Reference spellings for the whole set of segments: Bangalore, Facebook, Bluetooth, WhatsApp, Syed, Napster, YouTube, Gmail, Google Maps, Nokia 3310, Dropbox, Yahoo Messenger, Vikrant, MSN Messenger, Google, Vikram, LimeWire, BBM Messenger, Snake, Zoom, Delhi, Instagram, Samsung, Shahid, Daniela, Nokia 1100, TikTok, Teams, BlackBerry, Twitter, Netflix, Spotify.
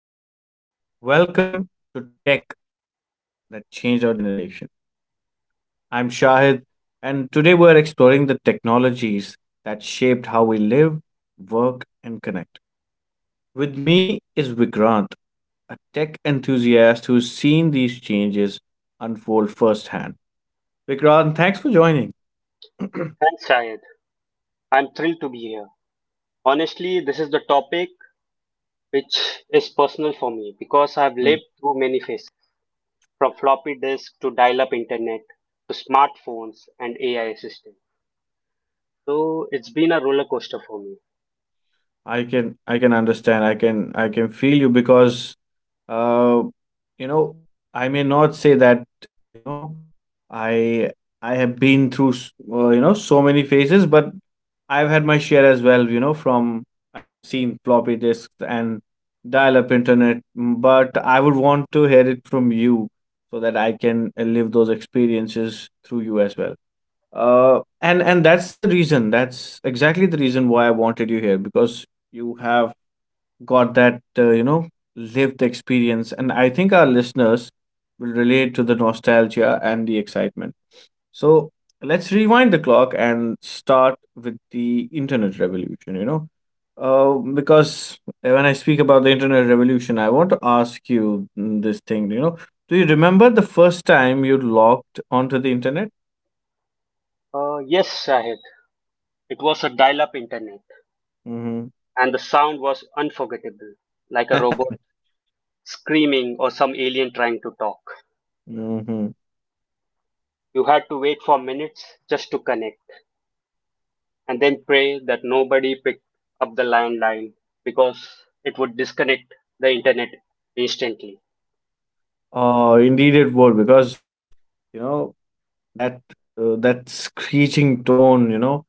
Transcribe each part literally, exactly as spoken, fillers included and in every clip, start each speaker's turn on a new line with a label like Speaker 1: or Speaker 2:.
Speaker 1: Hello, everyone. Welcome to Tech That Changed Our Generation. I'm Shahid, and today we're exploring the technologies that shaped how we live, work, and connect. With me is Vikrant, a tech enthusiast who's seen these changes unfold firsthand. Vikrant, thanks for joining.
Speaker 2: Thanks, Syed. I'm thrilled to be here. Honestly, this is the topic which is personal for me because I've lived
Speaker 1: Mm.
Speaker 2: through many phases from floppy disk to dial up internet to smartphones and A I assistants. So it's been a roller coaster for me.
Speaker 1: I can I can understand. I can I can feel you because uh you know I may not say that you know I I have been through s- uh, you know so many phases, but I've had my share as well. You know, from I have seen floppy disks and dial-up internet, mm, but I would want to hear it from you so that I can uh, live those experiences through you as well. Uh, and and that's the reason. That's exactly the reason why I wanted you here because you have got that uh, you know lived experience, and I think our listeners will relate to the nostalgia and the excitement. So let's rewind the clock and start with the internet revolution, you know. Uh, because when I speak about the internet revolution, I want to ask you mm, this thing, you know. Do you remember the first time you logged onto the internet?
Speaker 2: Uh, yes, Shahid. It was a dial up internet,
Speaker 1: Mm-hmm.
Speaker 2: and the sound was unforgettable, like a robot screaming or some alien trying to talk.
Speaker 1: Mm-hmm.
Speaker 2: You had to wait for minutes just to connect, and then pray that nobody picked up the landline because it would disconnect the internet instantly.
Speaker 1: Oh, indeed it would, because you know that uh, that screeching tone, you know,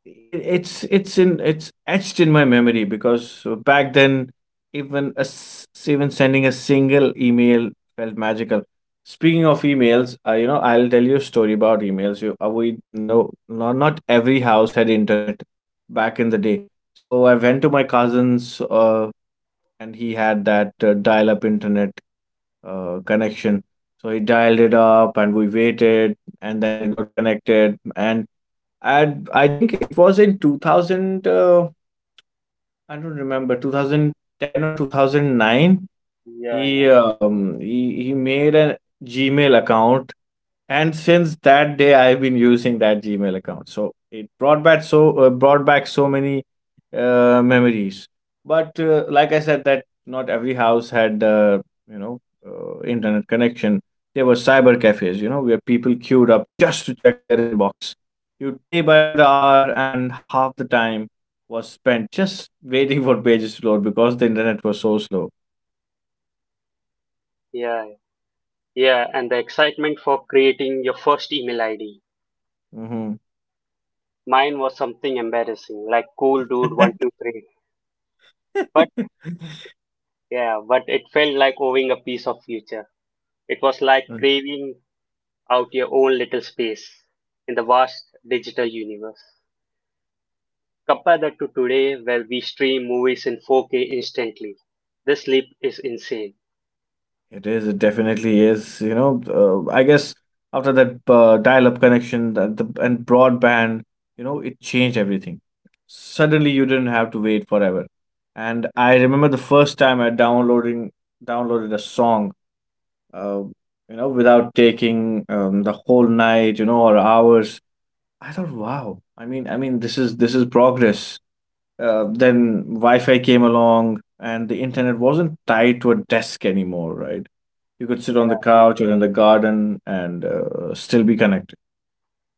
Speaker 1: It it's it's in it's etched in my memory because uh, back then even a s- even sending a single email felt magical. Speaking of emails, uh, you know I'll tell you a story about emails. You uh, We know not, not every house had internet back in the day. So I went to my cousin's uh, and he had that uh, dial up internet uh, connection. So he dialed it up and we waited, and then it got connected. And and I think it was in two thousand, uh, I don't remember, two thousand ten or two thousand nine.
Speaker 2: Yeah, yeah,
Speaker 1: He um, he, he made a Gmail account, and since that day, I've been using that Gmail account. So it brought back, so uh, brought back so many uh, memories. But uh, like I said, that not every house had uh, you know uh, internet connection. There were cyber cafes, you know, where people queued up just to check their inbox. You'd pay by the hour, and half the time was spent just waiting for pages to load because the internet was so slow.
Speaker 2: yeah, yeah. And the excitement for creating your first email I D.
Speaker 1: Hmm
Speaker 2: Mine was something embarrassing, like cool dude one two three. But yeah, but it felt like owning a piece of future. It was like craving out your own little space in the vast digital universe. Compare that to today where we stream movies in four K instantly. This leap is insane.
Speaker 1: It is. It definitely is. You know, uh, I guess after that uh, dial-up connection that the, and broadband, you know, it changed everything. Suddenly, you didn't have to wait forever. And I remember the first time I downloading downloaded a song, uh, you know, without taking um, the whole night, you know, or hours. I thought, wow. I mean, I mean, this is this is progress. Uh, then Wi-Fi came along, and the internet wasn't tied to a desk anymore, right? You could sit on the couch or in the garden and uh, still be connected.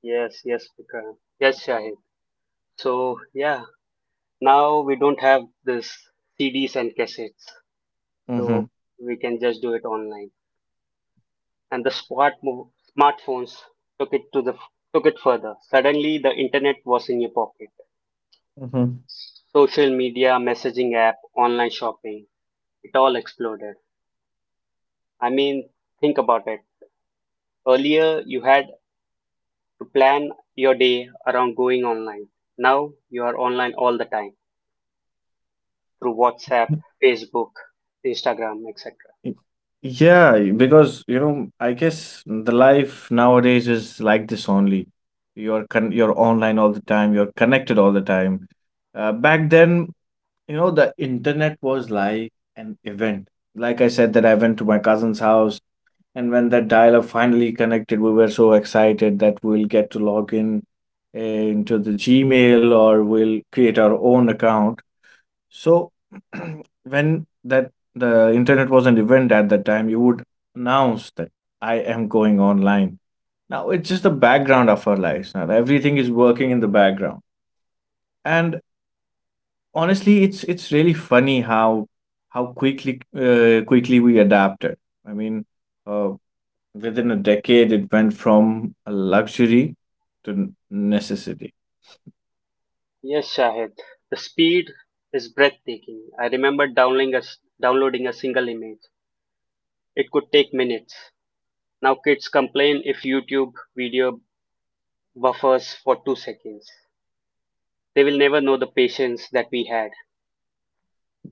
Speaker 2: Yes, yes, Vikram. Yes, Shahid. So, yeah, now we don't have this C Ds and cassettes.
Speaker 1: Mm-hmm.
Speaker 2: So, we can just do it online. And the smart mo- smartphones took it to the took it further. Suddenly, the internet was in your pocket.
Speaker 1: Mm-hmm.
Speaker 2: Social media, messaging app, online shopping, it all exploded. I mean, think about it. Earlier, you had to plan your day around going online. Now you are online all the time through WhatsApp, Facebook, Instagram, et cetera.
Speaker 1: Y- Yeah, because you know, I guess the life nowadays is like this only. You're con- you're online all the time. You're connected all the time. Uh, back then, you know, the internet was like an event. Like I said, that I went to my cousin's house. And when that dial-up finally connected, we were so excited that we'll get to log in uh, into the Gmail, or we'll create our own account. So when that the internet was an event at that time, you would announce that I am going online. Now it's just the background of our lives. Now everything is working in the background, and honestly, it's it's really funny how how quickly uh, quickly we adapted. I mean, uh, within a decade, it went from a luxury to necessity.
Speaker 2: Yes, Shahid, the speed is breathtaking. I remember downloading a, s- downloading a single image. It could take minutes. Now kids complain if YouTube video buffers for two seconds. They will never know the patience that we had.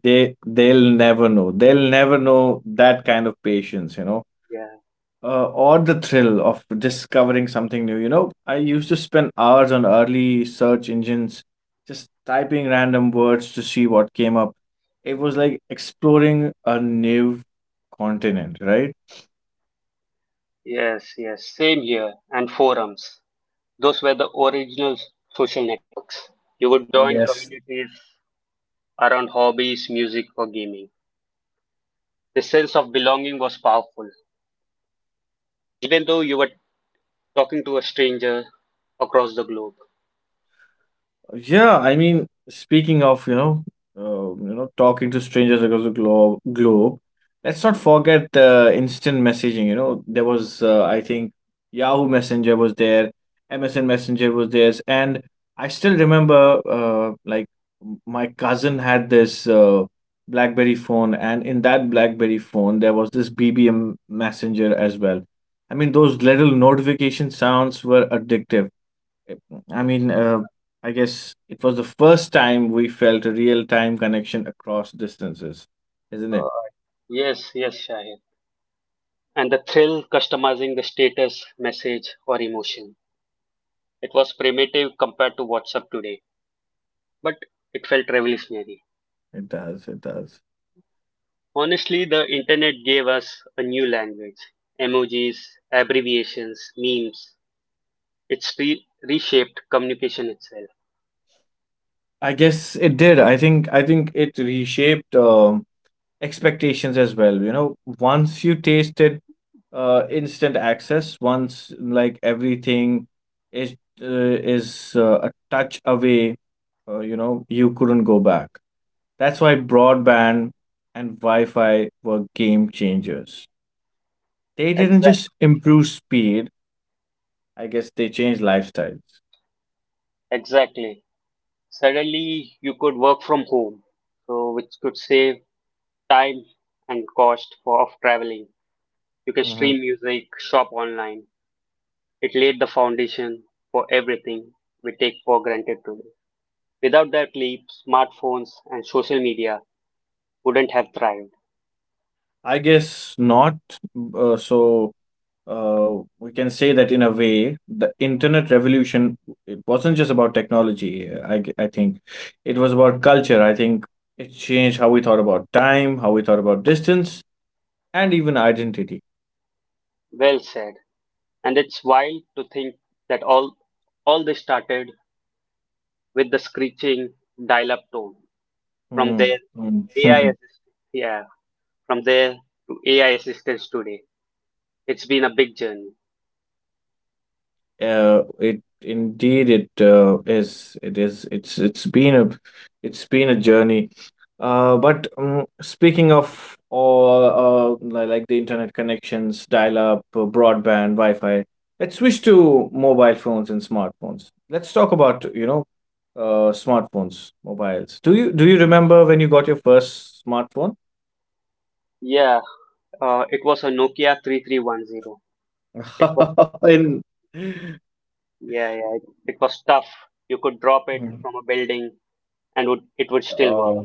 Speaker 1: They they'll never know. They'll never know that kind of patience, you know,
Speaker 2: Yeah.
Speaker 1: uh, or the thrill of discovering something new. You know, I used to spend hours on early search engines, just typing random words to see what came up. It was like exploring a new continent, right?
Speaker 2: Yes, yes. Same here. And forums. Those were the original social networks. You would join
Speaker 1: Yes.
Speaker 2: communities around hobbies, music, or gaming. The sense of belonging was powerful, even though you were talking to a stranger across the globe.
Speaker 1: Yeah, I mean, speaking of, you know, uh, you know, talking to strangers across the globe, globe, let's not forget the instant messaging. You know, there was, uh, I think, Yahoo Messenger was there, M S N Messenger was there, and I still remember, uh, like m- my cousin had this uh, BlackBerry phone, and in that BlackBerry phone, there was this B B M Messenger as well. I mean, those little notification sounds were addictive. I mean, uh, I guess it was the first time we felt a real time connection across distances, isn't
Speaker 2: Uh,
Speaker 1: it?
Speaker 2: yes, yes, Shahid. And the thrill customizing the status, message, or emotion. It was primitive compared to WhatsApp today, but it felt revolutionary.
Speaker 1: It does. It does.
Speaker 2: Honestly, the internet gave us a new language: emojis, abbreviations, memes. It's re- reshaped communication itself.
Speaker 1: I guess it did. I think. I think it reshaped um expectations as well. You know, once you tasted uh, instant access, once like everything is uh, is uh, a touch away, uh, you know, you couldn't go back. That's why broadband and Wi-Fi were game changers. They didn't
Speaker 2: Exact,
Speaker 1: just improve speed. I guess they changed lifestyles.
Speaker 2: Exactly. Suddenly, you could work from home, so which could save time and cost for of traveling. You can
Speaker 1: Mhm.
Speaker 2: stream music, shop online. It laid the foundation for everything we take for granted today. Without that leap, smartphones and social media wouldn't have thrived.
Speaker 1: I guess not. Uh, so uh, we can say that in a way, the internet revolution, it wasn't just about technology. I g- I think it was about culture. I think it changed how we thought about time, how we thought about distance, and even identity.
Speaker 2: Well said. And it's wild to think that all all this started with the screeching dial-up tone. From
Speaker 1: Mm.
Speaker 2: there,
Speaker 1: Mm.
Speaker 2: AI assist, yeah, from there to A I assistants today. It's been a big journey.
Speaker 1: Uh, it indeed it uh, is. It is. It's it's been a, it's been a journey. Uh, but um, speaking of all, uh, li- like the internet connections, dial-up, uh, broadband, Wi-Fi, let's switch to mobile phones and smartphones. Let's talk about, you know, uh, smartphones, mobiles. Do you do you remember when you got your first smartphone?
Speaker 2: Yeah, uh, it was a Nokia three three one zero. It was,
Speaker 1: In,
Speaker 2: yeah, yeah, it, it was tough. You could drop it from a building and would, it would still work.
Speaker 1: oh,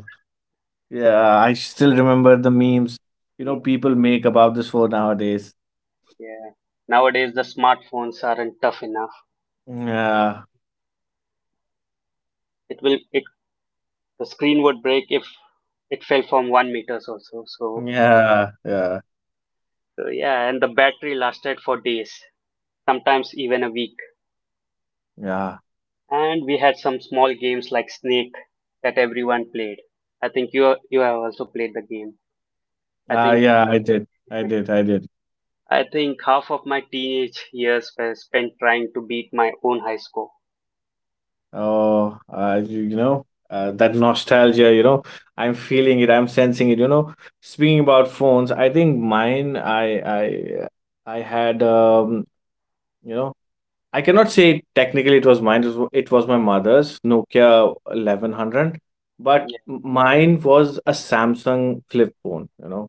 Speaker 1: yeah, I still
Speaker 2: Yeah,
Speaker 1: remember the memes, you know,
Speaker 2: yeah,
Speaker 1: people make about this phone nowadays.
Speaker 2: yeah. Nowadays, the smartphones aren't tough enough. So
Speaker 1: Yeah,
Speaker 2: it will, it, the screen would break if it fell from one meters also. So,
Speaker 1: yeah, yeah,
Speaker 2: so yeah, and the battery lasted for days, sometimes even a week.
Speaker 1: yeah.
Speaker 2: And we had some small games like Snake that everyone played. I think you you have also played the game. I
Speaker 1: Ah,
Speaker 2: think
Speaker 1: yeah, I did. I did. I did.
Speaker 2: I think half of my teenage years were spent trying to beat my own high score.
Speaker 1: Oh, uh, you, you know, uh, that nostalgia, you know, I'm feeling it. I'm sensing it, you know. Speaking about phones, I think mine, I, I, I had, um, you know, I cannot say technically it was mine. It was, it was my mother's Nokia eleven hundred, but
Speaker 2: Yeah,
Speaker 1: mine was a Samsung flip phone. You know,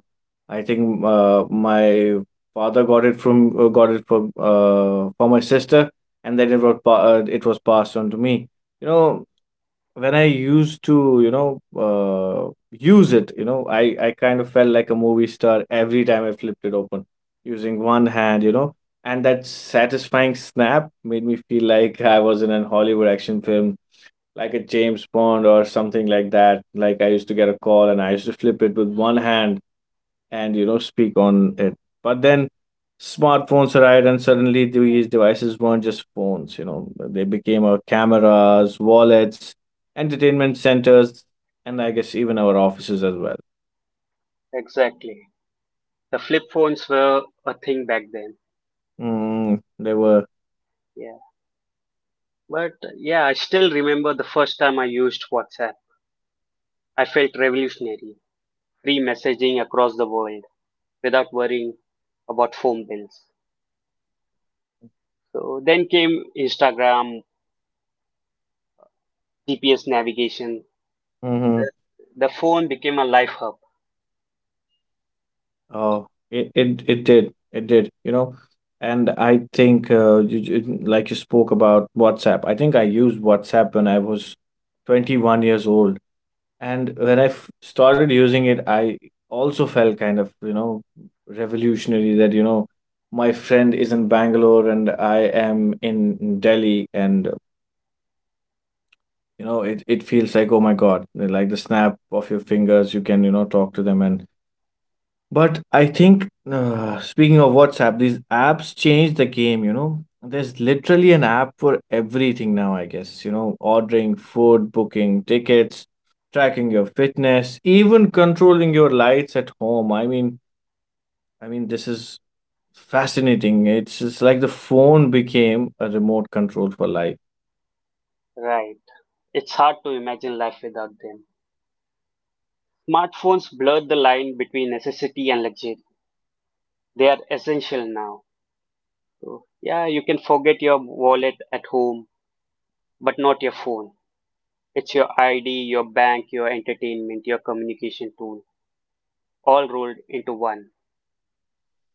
Speaker 1: uh, I think uh, my father got it from uh, got it from uh, for my sister, and then it was pa- uh, it was passed on to me. You know, when I used to, you know, uh, use it, you know, I, I kind of felt like a movie star every time I flipped it open using one hand, you know, and that satisfying snap made me feel like I was in an Hollywood action film, like a James Bond or something like that. Like I used to get a call and I used to flip it with one hand and you know speak on it. But then smartphones arrived, and suddenly these devices weren't just phones. You know, they became our cameras, wallets, entertainment centers, and I guess even our offices as well.
Speaker 2: exactly. The flip phones were a thing back then.
Speaker 1: Mm, they were.
Speaker 2: Yeah, but uh, yeah, I still remember the first time I used WhatsApp. I felt revolutionary, free messaging across the world without worrying about phone bills. So then came Instagram, G P S navigation.
Speaker 1: Hmm
Speaker 2: The, the phone became a life hub,
Speaker 1: Oh, it, it it did, it did. You know, and I think uh, you, you- like you spoke about WhatsApp, I think I used WhatsApp when I was twenty-one years old. And when I f- started using it, I also felt kind of, you know, revolutionary that, you know, my friend is in Bangalore and I am in Delhi. And, you know, it, it feels like, oh my God, like the snap of your fingers, you can, you know, talk to them. And but I think, uh, speaking of WhatsApp, these apps change the game, you know. There's literally an app for everything now, I guess. You know, ordering food, booking tickets, tracking your fitness, even controlling your lights at home. I mean, I mean, this is fascinating. It's, it's like the phone became a remote control for life.
Speaker 2: right? It's hard to imagine life without them. Smartphones blurred the line between necessity and luxury. They are essential now. So, yeah, you can forget your wallet at home, but not your phone. It's your I D, your bank, your entertainment, your communication tool, all rolled into one.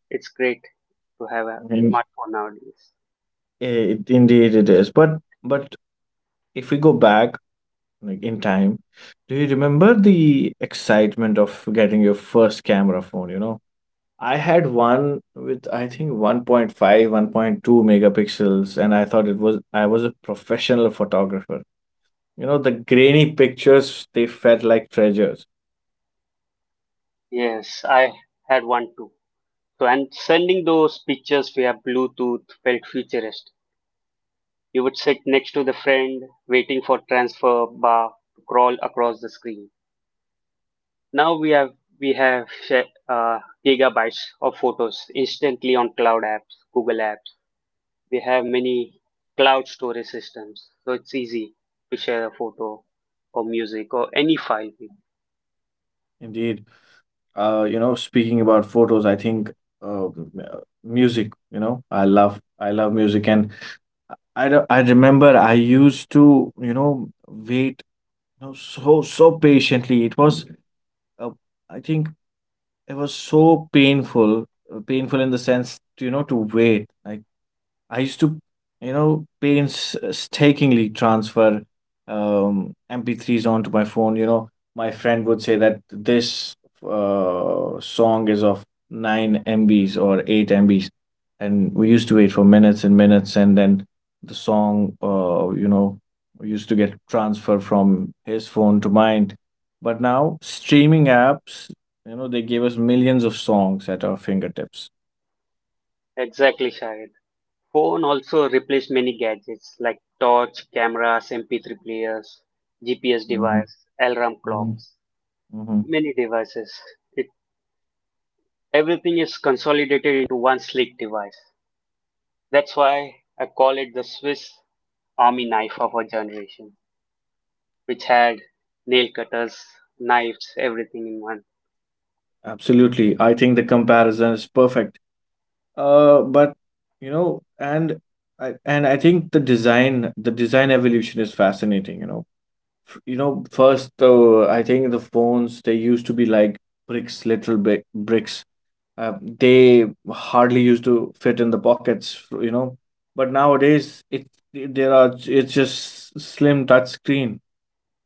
Speaker 2: It's great to have a
Speaker 1: And
Speaker 2: smartphone nowadays.
Speaker 1: it, indeed it is. But but if we go back, like in time. Do you remember the excitement of getting your first camera phone, you know? I had one with I think one point five, one point two megapixels, and I thought it was I was a professional photographer. You know, the grainy pictures, they felt like treasures.
Speaker 2: Yes, I had one too. So, and sending those pictures via Bluetooth felt futuristic. You would sit next to the friend, waiting for transfer bar to crawl across the screen. Now we have we have sh- uh, gigabytes of photos instantly on cloud apps, Google apps. We have many cloud storage systems, so it's easy to share a photo or music or any file.
Speaker 1: Indeed. Uh, you know, speaking about photos, I think uh, m- uh, music, you know, I love I love music, and I re- I remember I used to, you know, wait, you know, so so patiently. It was uh, I think it was so painful, uh, painful in the sense, you know, to wait. Like I used to, you know, painstakingly transfer um, M P threes onto my phone. You know, my friend would say that this uh, song is of nine M Bs or eight M Bs. And we used to wait for minutes and minutes, and then the song, uh, you know, used to get transferred from his phone to mine. But now, streaming apps, you know, they gave us millions of songs at our fingertips.
Speaker 2: Exactly, Shahid. Phone also replaced many gadgets like torch, cameras, M P three players, G P S
Speaker 1: Hmm
Speaker 2: device, alarm
Speaker 1: hmm
Speaker 2: clocks,
Speaker 1: hmm
Speaker 2: many devices. It Everything is consolidated into one sleek device. That's why I call it the Swiss army knife of our generation, which had nail cutters, knives, everything in one.
Speaker 1: Absolutely. I think the comparison is perfect. Uh, but you know, and I and I think the design, the design evolution is fascinating, you know. F- You know, first though, I think the phones they used to be like bricks, literal bi bricks. Uh, they hardly used to fit in the pockets, you know. But nowadays, it it- there are it's just slim touch screen.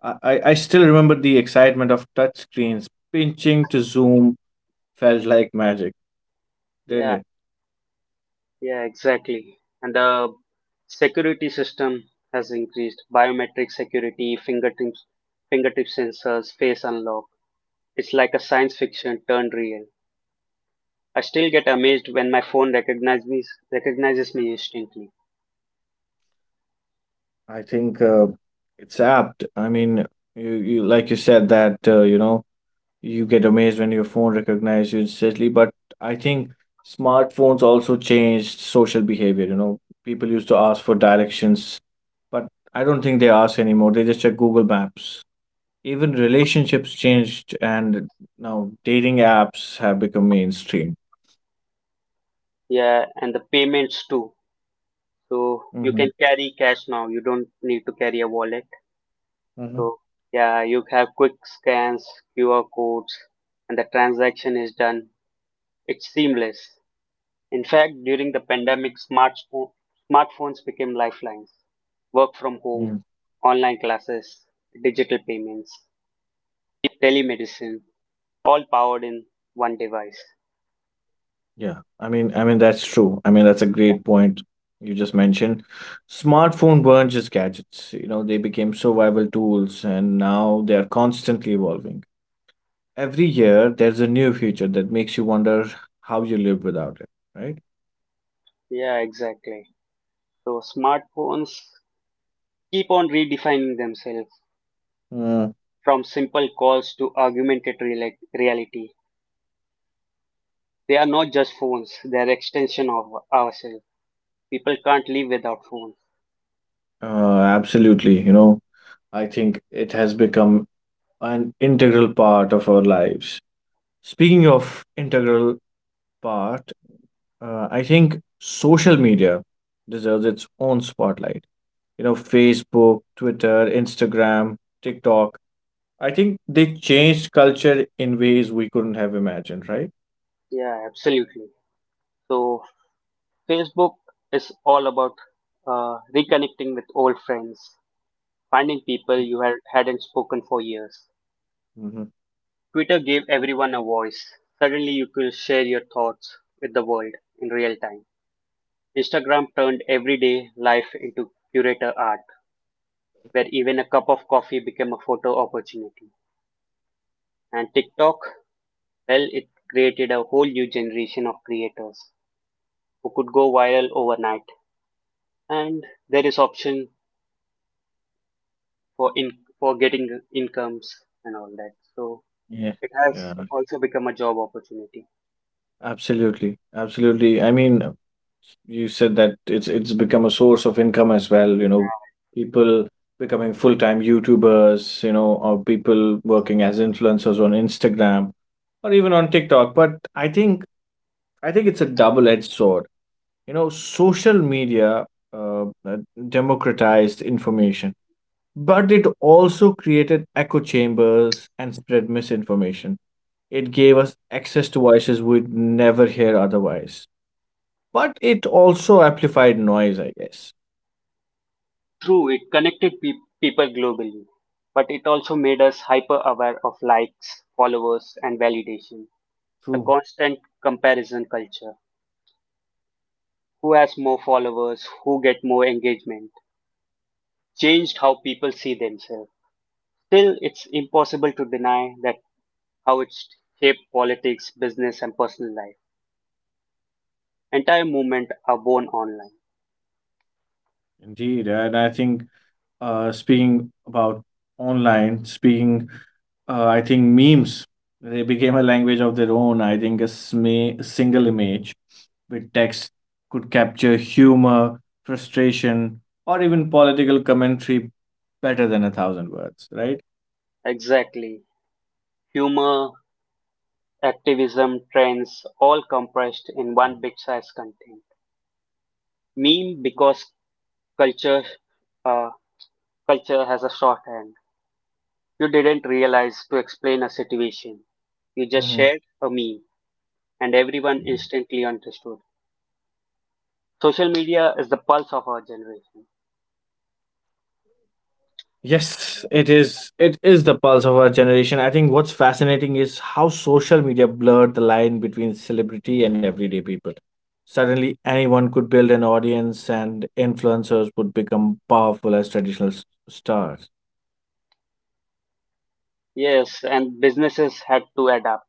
Speaker 1: I, I I still remember the excitement of touch screens. Pinching to zoom felt like magic, didn't it?
Speaker 2: Yeah, yeah, exactly. And the security system has increased. Biometric security, fingertips, fingertip sensors, face unlock. It's like a science fiction turned real. I still get amazed when my phone recognizes me, recognizes me instantly.
Speaker 1: I think uh, it's apt. I mean, you, you like you said that uh, you know you get amazed when your phone recognizes you instantly. But I think smartphones also changed social behavior. You know, people used to ask for directions, but I don't think they ask anymore. They just check Google Maps. Even relationships changed, and now dating apps have become mainstream.
Speaker 2: Yeah, and the payments too. So you
Speaker 1: Mm-hmm.
Speaker 2: can carry cash now. You don't need to carry a wallet.
Speaker 1: Mm-hmm.
Speaker 2: So yeah, you have quick scans, Q R codes, and the transaction is done. It's seamless. In fact, during the pandemic, smartphone, smartphones became lifelines. Work from home, online classes, digital payments, telemedicine, all powered in one device.
Speaker 1: Yeah, I mean, I mean that's true. I mean that's a great point you just mentioned. Smartphone weren't just gadgets, you know, they became survival tools, and now they are constantly evolving. Every year, there's a new feature that makes you wonder how you live without it, right?
Speaker 2: Yeah, exactly. So smartphones keep on redefining themselves
Speaker 1: Mm.
Speaker 2: from simple calls to augmented reali- reality. They are not just phones, they are extension of ourselves. People can't live without phones.
Speaker 1: Uh, absolutely. You know, I think it has become an integral part of our lives. Speaking of integral part, uh, I think social media deserves its own spotlight, you know, Facebook, Twitter, Instagram, TikTok. I think they changed culture in ways we couldn't have imagined, right?
Speaker 2: Yeah, absolutely. So Facebook is all about uh, reconnecting with old friends, finding people you had, hadn't spoken for years.
Speaker 1: Hmm.
Speaker 2: Twitter gave everyone a voice. Suddenly you could share your thoughts with the world in real time. Instagram turned everyday life into curator art, where even a cup of coffee became a photo opportunity. And TikTok, well, it created a whole new generation of creators who could go viral overnight. And there is option for in for getting incomes and all that. So
Speaker 1: Yeah,
Speaker 2: it has
Speaker 1: yeah,
Speaker 2: also become a job opportunity.
Speaker 1: absolutely, absolutely. I mean, you said that it's it's become a source of income as well. You know,
Speaker 2: Yeah.
Speaker 1: people becoming full-time YouTubers, you know, or people working as influencers on Instagram or even on TikTok. But I think I think it's a double-edged sword. You know, social media uh, uh, democratized information, but it also created echo chambers and spread misinformation. It gave us access to voices we'd never hear otherwise, but it also amplified noise, I guess.
Speaker 2: True, it connected pe- people globally, but it also made us hyper aware of likes, followers, and validation. The
Speaker 1: True.
Speaker 2: constant comparison culture, who has more followers, who get more engagement, changed how people see themselves. Still, it's impossible to deny that how it's shaped politics, business, and personal life. Entire movement are born online.
Speaker 1: Indeed, and I think uh, speaking about online, speaking, uh, I think memes, they became a language of their own. I think a, sma- a single image with text could capture humor, frustration, or even political commentary better than a thousand words, right?
Speaker 2: Exactly. Humor, activism, trends, all compressed in one big size content. Meme because Culture, uh, culture has a shorthand. You didn't realize to explain a situation. You just shared a meme, and everyone instantly understood. Social media is the pulse of our generation.
Speaker 1: Yes, it is. It is the pulse of our generation. I think what's fascinating is how social media blurred the line between celebrity and everyday people. Suddenly, anyone could build an audience, and influencers would become powerful as traditional s- stars.
Speaker 2: Yes, and businesses had to adapt.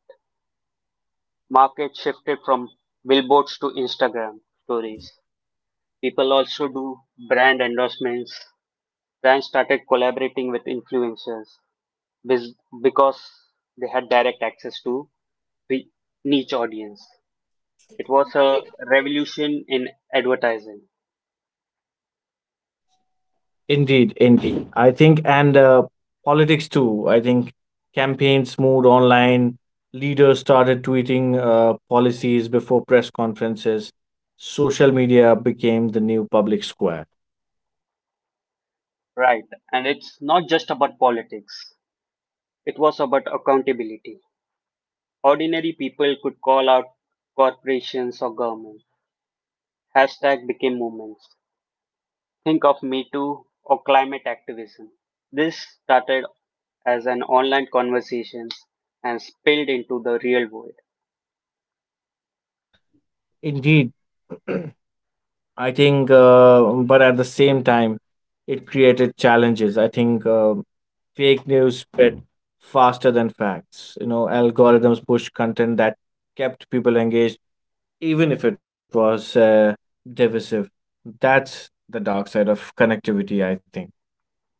Speaker 2: Market shifted from billboards to Instagram stories. People also do brand endorsements. Brands started collaborating with influencers bes- because they had direct access to the niche audience. It was a revolution in advertising,
Speaker 1: Indeed, indeed. I think, and uh, politics too. I think campaigns moved online. Leaders started tweeting uh, policies before press conferences. Social media became the new public square.
Speaker 2: right? And it's not just about politics. It was about accountability. Ordinary people could call out corporations or government. Hashtag became movements. Think of Me Too or climate activism. This started as an online conversation and spilled into the real world.
Speaker 1: Indeed. I think, uh, but at the same time, it created challenges. I think uh, fake news spread faster than facts. You know, algorithms pushed content that kept people engaged, even if it was uh, divisive. That's the dark side of connectivity, I think.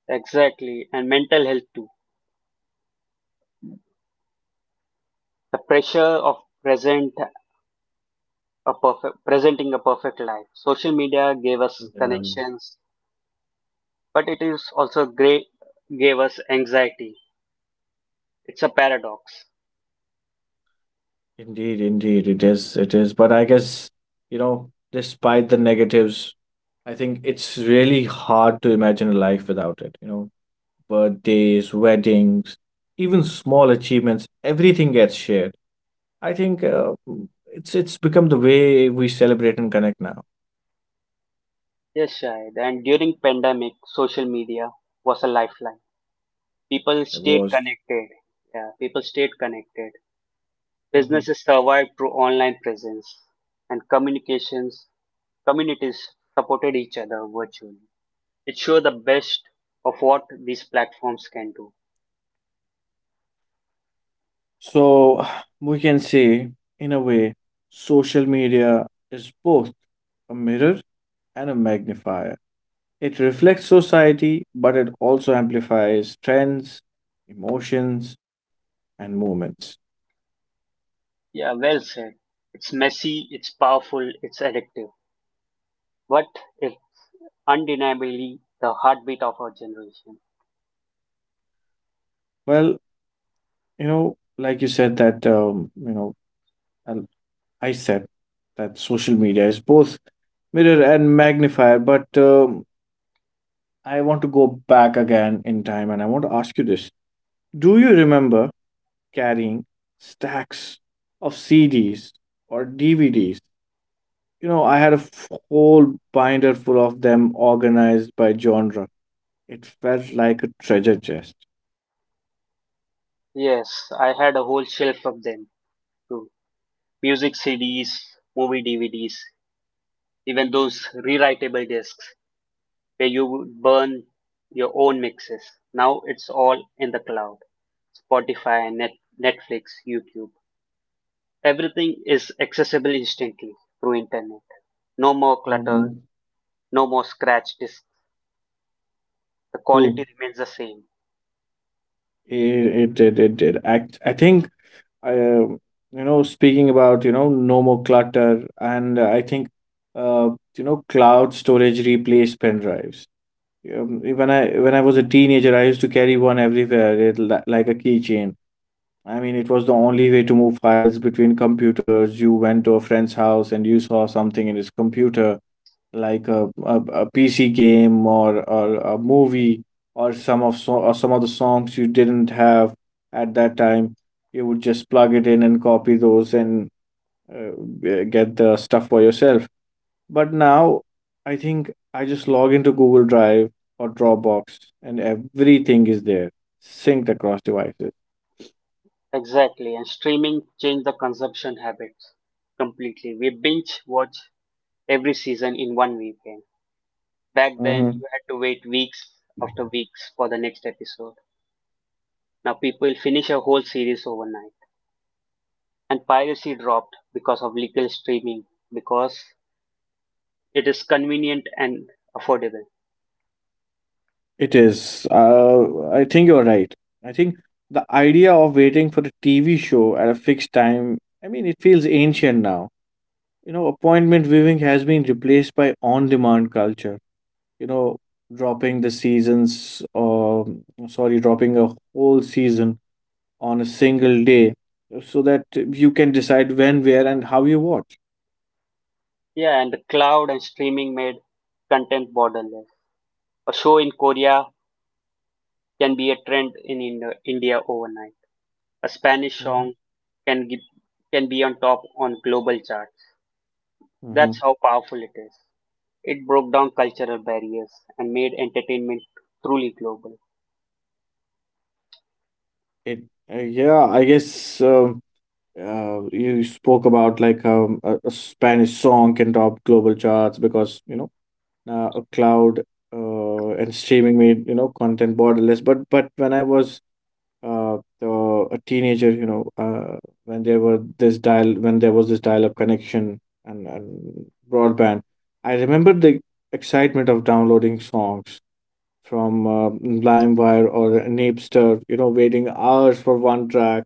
Speaker 2: Exactly, and mental health too. The pressure of present a perfect, presenting a perfect life. Social media gave us
Speaker 1: Um,
Speaker 2: connections, but it is also great gave us anxiety. It's a paradox.
Speaker 1: Indeed, indeed, it is. It is. But I guess, you know, despite the negatives, I think it's really hard to imagine a life without it. You know, birthdays, weddings, even small achievements, everything gets shared. I think uh, it's it's become the way we celebrate and connect now.
Speaker 2: Yes, Shahid. And during pandemic, social media was a lifeline. People
Speaker 1: It
Speaker 2: stayed
Speaker 1: was.
Speaker 2: connected. Yeah, people stayed connected.
Speaker 1: Mhm.
Speaker 2: Businesses survived through online presence, and communications communities supported each other virtually. It showed the best of what these platforms can do.
Speaker 1: So we can say, in a way, social media is both a mirror and a magnifier. It reflects society, but it also amplifies trends, emotions, and movements.
Speaker 2: Yeah, well said. It's messy, it's powerful, it's addictive, but it's undeniably the heartbeat of our generation.
Speaker 1: Well, you know, like you said that um, you know, a I said that social media is both mirror and magnifier, but um, I want to go back again in time and I want to ask you this. Do you remember carrying stacks of C Ds or D V Ds? You know, I had a f- whole binder full of them organized by genre. It felt like a treasure chest.
Speaker 2: Yes, I had a whole shelf of them too. Music C Ds, movie D V Ds, even those rewritable discs, where you would burn your own mixes. Now it's all in the cloud. Spotify, Net, Netflix, YouTube. Everything is accessible instantly through internet. No more clutter,
Speaker 1: Mhm.
Speaker 2: no more scratch discs. The
Speaker 1: True.
Speaker 2: quality remains the same.
Speaker 1: It, it did, it did. I, I think I, um, you know, speaking about, you know, no more clutter, and uh, I think, uh, you know, cloud storage replaced pen drives. Um, when I when I was a teenager, I used to carry one everywhere, it, li- like a keychain. I mean, it was the only way to move files between computers. You went to a friend's house and you saw something in his computer, like a, a, a P C game, or, or a movie, or some of so, or some of the songs you didn't have at that time. You would just plug it in and copy those, and uh, g- get the stuff for yourself. But now I think I just log into Google Drive or Dropbox and everything is there, synced across devices.
Speaker 2: Exactly, and streaming changed the consumption habits completely. We binge watch every season in one weekend. Back then,
Speaker 1: Hmm.
Speaker 2: you had to wait weeks after weeks for the next episode. Now people finish a whole series overnight. And piracy dropped because of legal streaming because it is convenient and affordable.
Speaker 1: It is. Uh, I think you're right. I think the idea of waiting for a T V show at a fixed time, I mean, it feels ancient now. You know, appointment viewing has been replaced by on-demand culture. You know, dropping the seasons, or sorry, dropping a whole season on a single day so that you can decide when, where, and how you watch.
Speaker 2: Yeah, and the cloud and streaming made content borderless. A show in Korea can be a trend in Indo- India overnight. A Spanish
Speaker 1: Mm-hmm.
Speaker 2: song can gi- can be on top on global charts.
Speaker 1: Mm-hmm.
Speaker 2: That's how powerful it is. It broke down cultural barriers and made entertainment truly global.
Speaker 1: It, uh, yeah, I guess. Uh, uh, you spoke about like um, a, a Spanish song can top global charts because, you know, uh, a cloud uh, and streaming made, you know, content borderless. But but when I was uh, uh, a teenager, you know, uh, when there were this dial when there was this dial-up connection and, and broadband, I remember the excitement of downloading songs from uh, LimeWire or Napster. You know, waiting hours for one track,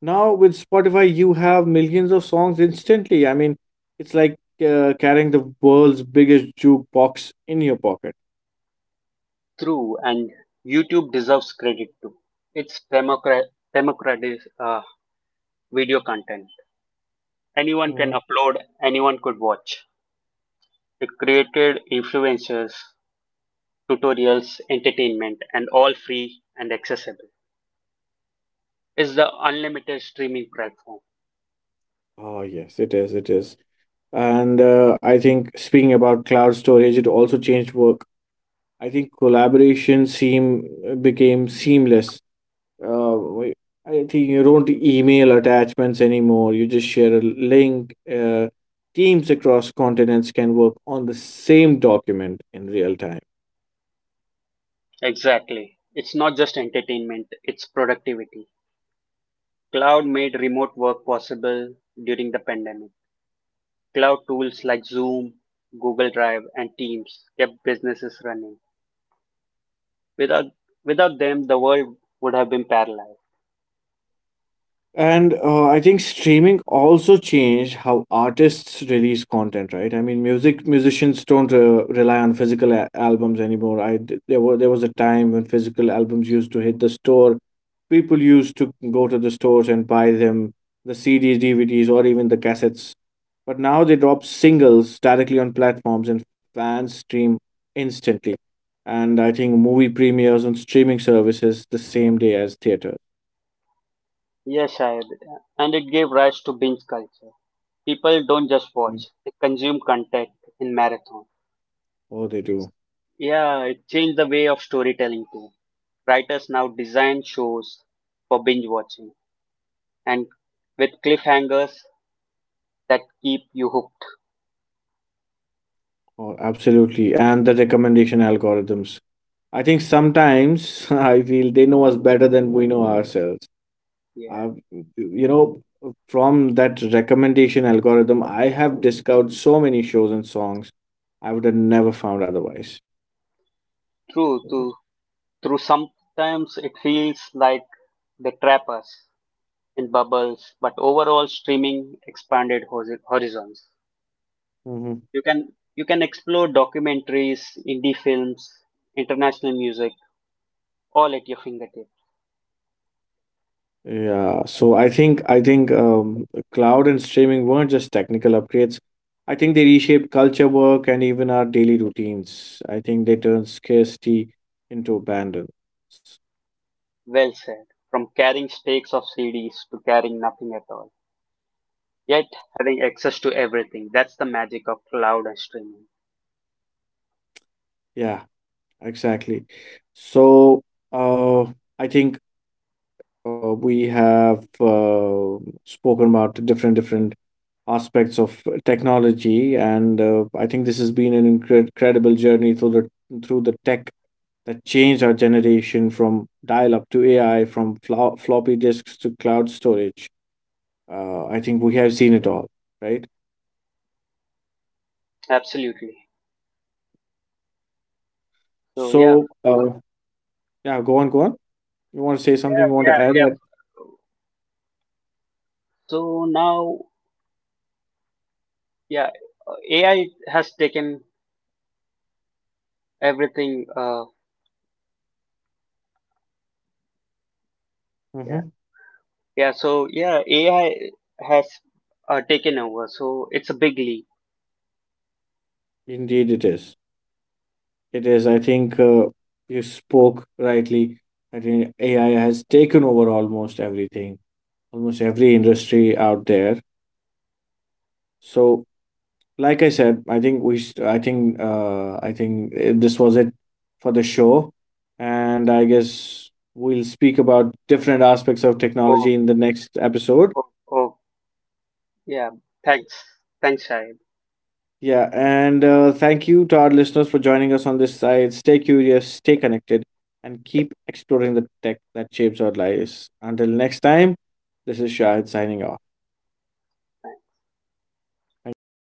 Speaker 1: now with Spotify, you have millions of songs instantly. I mean, it's like uh, carrying the world's biggest jukebox in your pocket.
Speaker 2: True, and YouTube deserves credit too. It's democrat democratic uh, video content. Anyone can
Speaker 1: Mhm.
Speaker 2: upload, anyone could watch. It created influencers, tutorials, entertainment, and all free and accessible. It's the unlimited streaming platform.
Speaker 1: Oh, yes, it is. It is. And uh, I think speaking about cloud storage, it also changed work. I think collaboration seem uh, became seamless. Uh, we- I think you don't email attachments anymore. You just share a link. Uh, Teams across continents can work on the same document in real time.
Speaker 2: Exactly. It's not just entertainment, it's productivity. Cloud made remote work possible during the pandemic. Cloud tools like Zoom, Google Drive, and Teams kept businesses running. Without, Without them, the world would have been paralyzed.
Speaker 1: And uh, I think streaming also changed how artists release content, right? I mean, music musicians don't uh, rely on physical a- albums anymore. I d- there was There was a time when physical albums used to hit the store. People used to go to the stores and buy them, the C Ds, D V Ds, or even the cassettes. But now they drop singles directly on platforms, and fans stream instantly. And I think movie premieres on streaming services the same day as theater.
Speaker 2: Yes, Shahid, and it gave rise to binge culture. People don't just watch, they consume content in marathon.
Speaker 1: Oh, they do.
Speaker 2: Yeah, it changed the way of storytelling too. Writers now design shows for binge watching and with cliffhangers that keep you hooked.
Speaker 1: Oh, absolutely. And the recommendation algorithms. I think sometimes I feel they know us better than we know ourselves.
Speaker 2: Yeah,
Speaker 1: I You know, from that recommendation algorithm, I have discovered so many shows and songs I would have never found otherwise.
Speaker 2: True, true, true. Sometimes it feels like they trap us in bubbles, but overall, streaming expanded hori- horizons.
Speaker 1: Hmm.
Speaker 2: You can you can explore documentaries, indie films, international music, all at your fingertips.
Speaker 1: Yeah. So I think I think um, cloud and streaming weren't just technical upgrades. I think they reshaped culture, work, and even our daily routines. I think they turned scarcity into abundance.
Speaker 2: Well said. From carrying stakes of C Ds to carrying nothing at all, yet having access to everything. That's the magic of cloud and streaming.
Speaker 1: Yeah. Exactly. So, uh, I think uh, we have uh, spoken about different different aspects of technology, and uh, I think this has been an incre- incredible journey through the through the tech that changed our generation from dial-up to A I, from flo floppy disks to cloud storage. Uh, I think we have seen it all, right?
Speaker 2: Absolutely. So yeah,
Speaker 1: So, uh, yeah, go on, go on. You want to say something?
Speaker 2: yeah,
Speaker 1: You want to
Speaker 2: yeah,
Speaker 1: add?
Speaker 2: yeah. So now, yeah, uh, A I has taken everything. Uh, yeah,
Speaker 1: Mm.
Speaker 2: yeah. So yeah, A I has uh, taken over. So it's a big leap.
Speaker 1: Indeed, it is. It is. I think uh, you spoke rightly. I think A I has taken over almost everything, almost every industry out there. So, like I said, I think we. St- I think. Uh, I think uh, this was it for the show, and I guess we'll speak about different aspects of
Speaker 2: Oh,
Speaker 1: technology in the next episode.
Speaker 2: oh, oh. Yeah. Thanks, Thanks, Shahid.
Speaker 1: Yeah, and uh, thank you to our listeners for joining us on this side. Stay curious, stay connected, and keep exploring the tech that shapes our lives. Until next time, this is Shahid signing off. Thank you.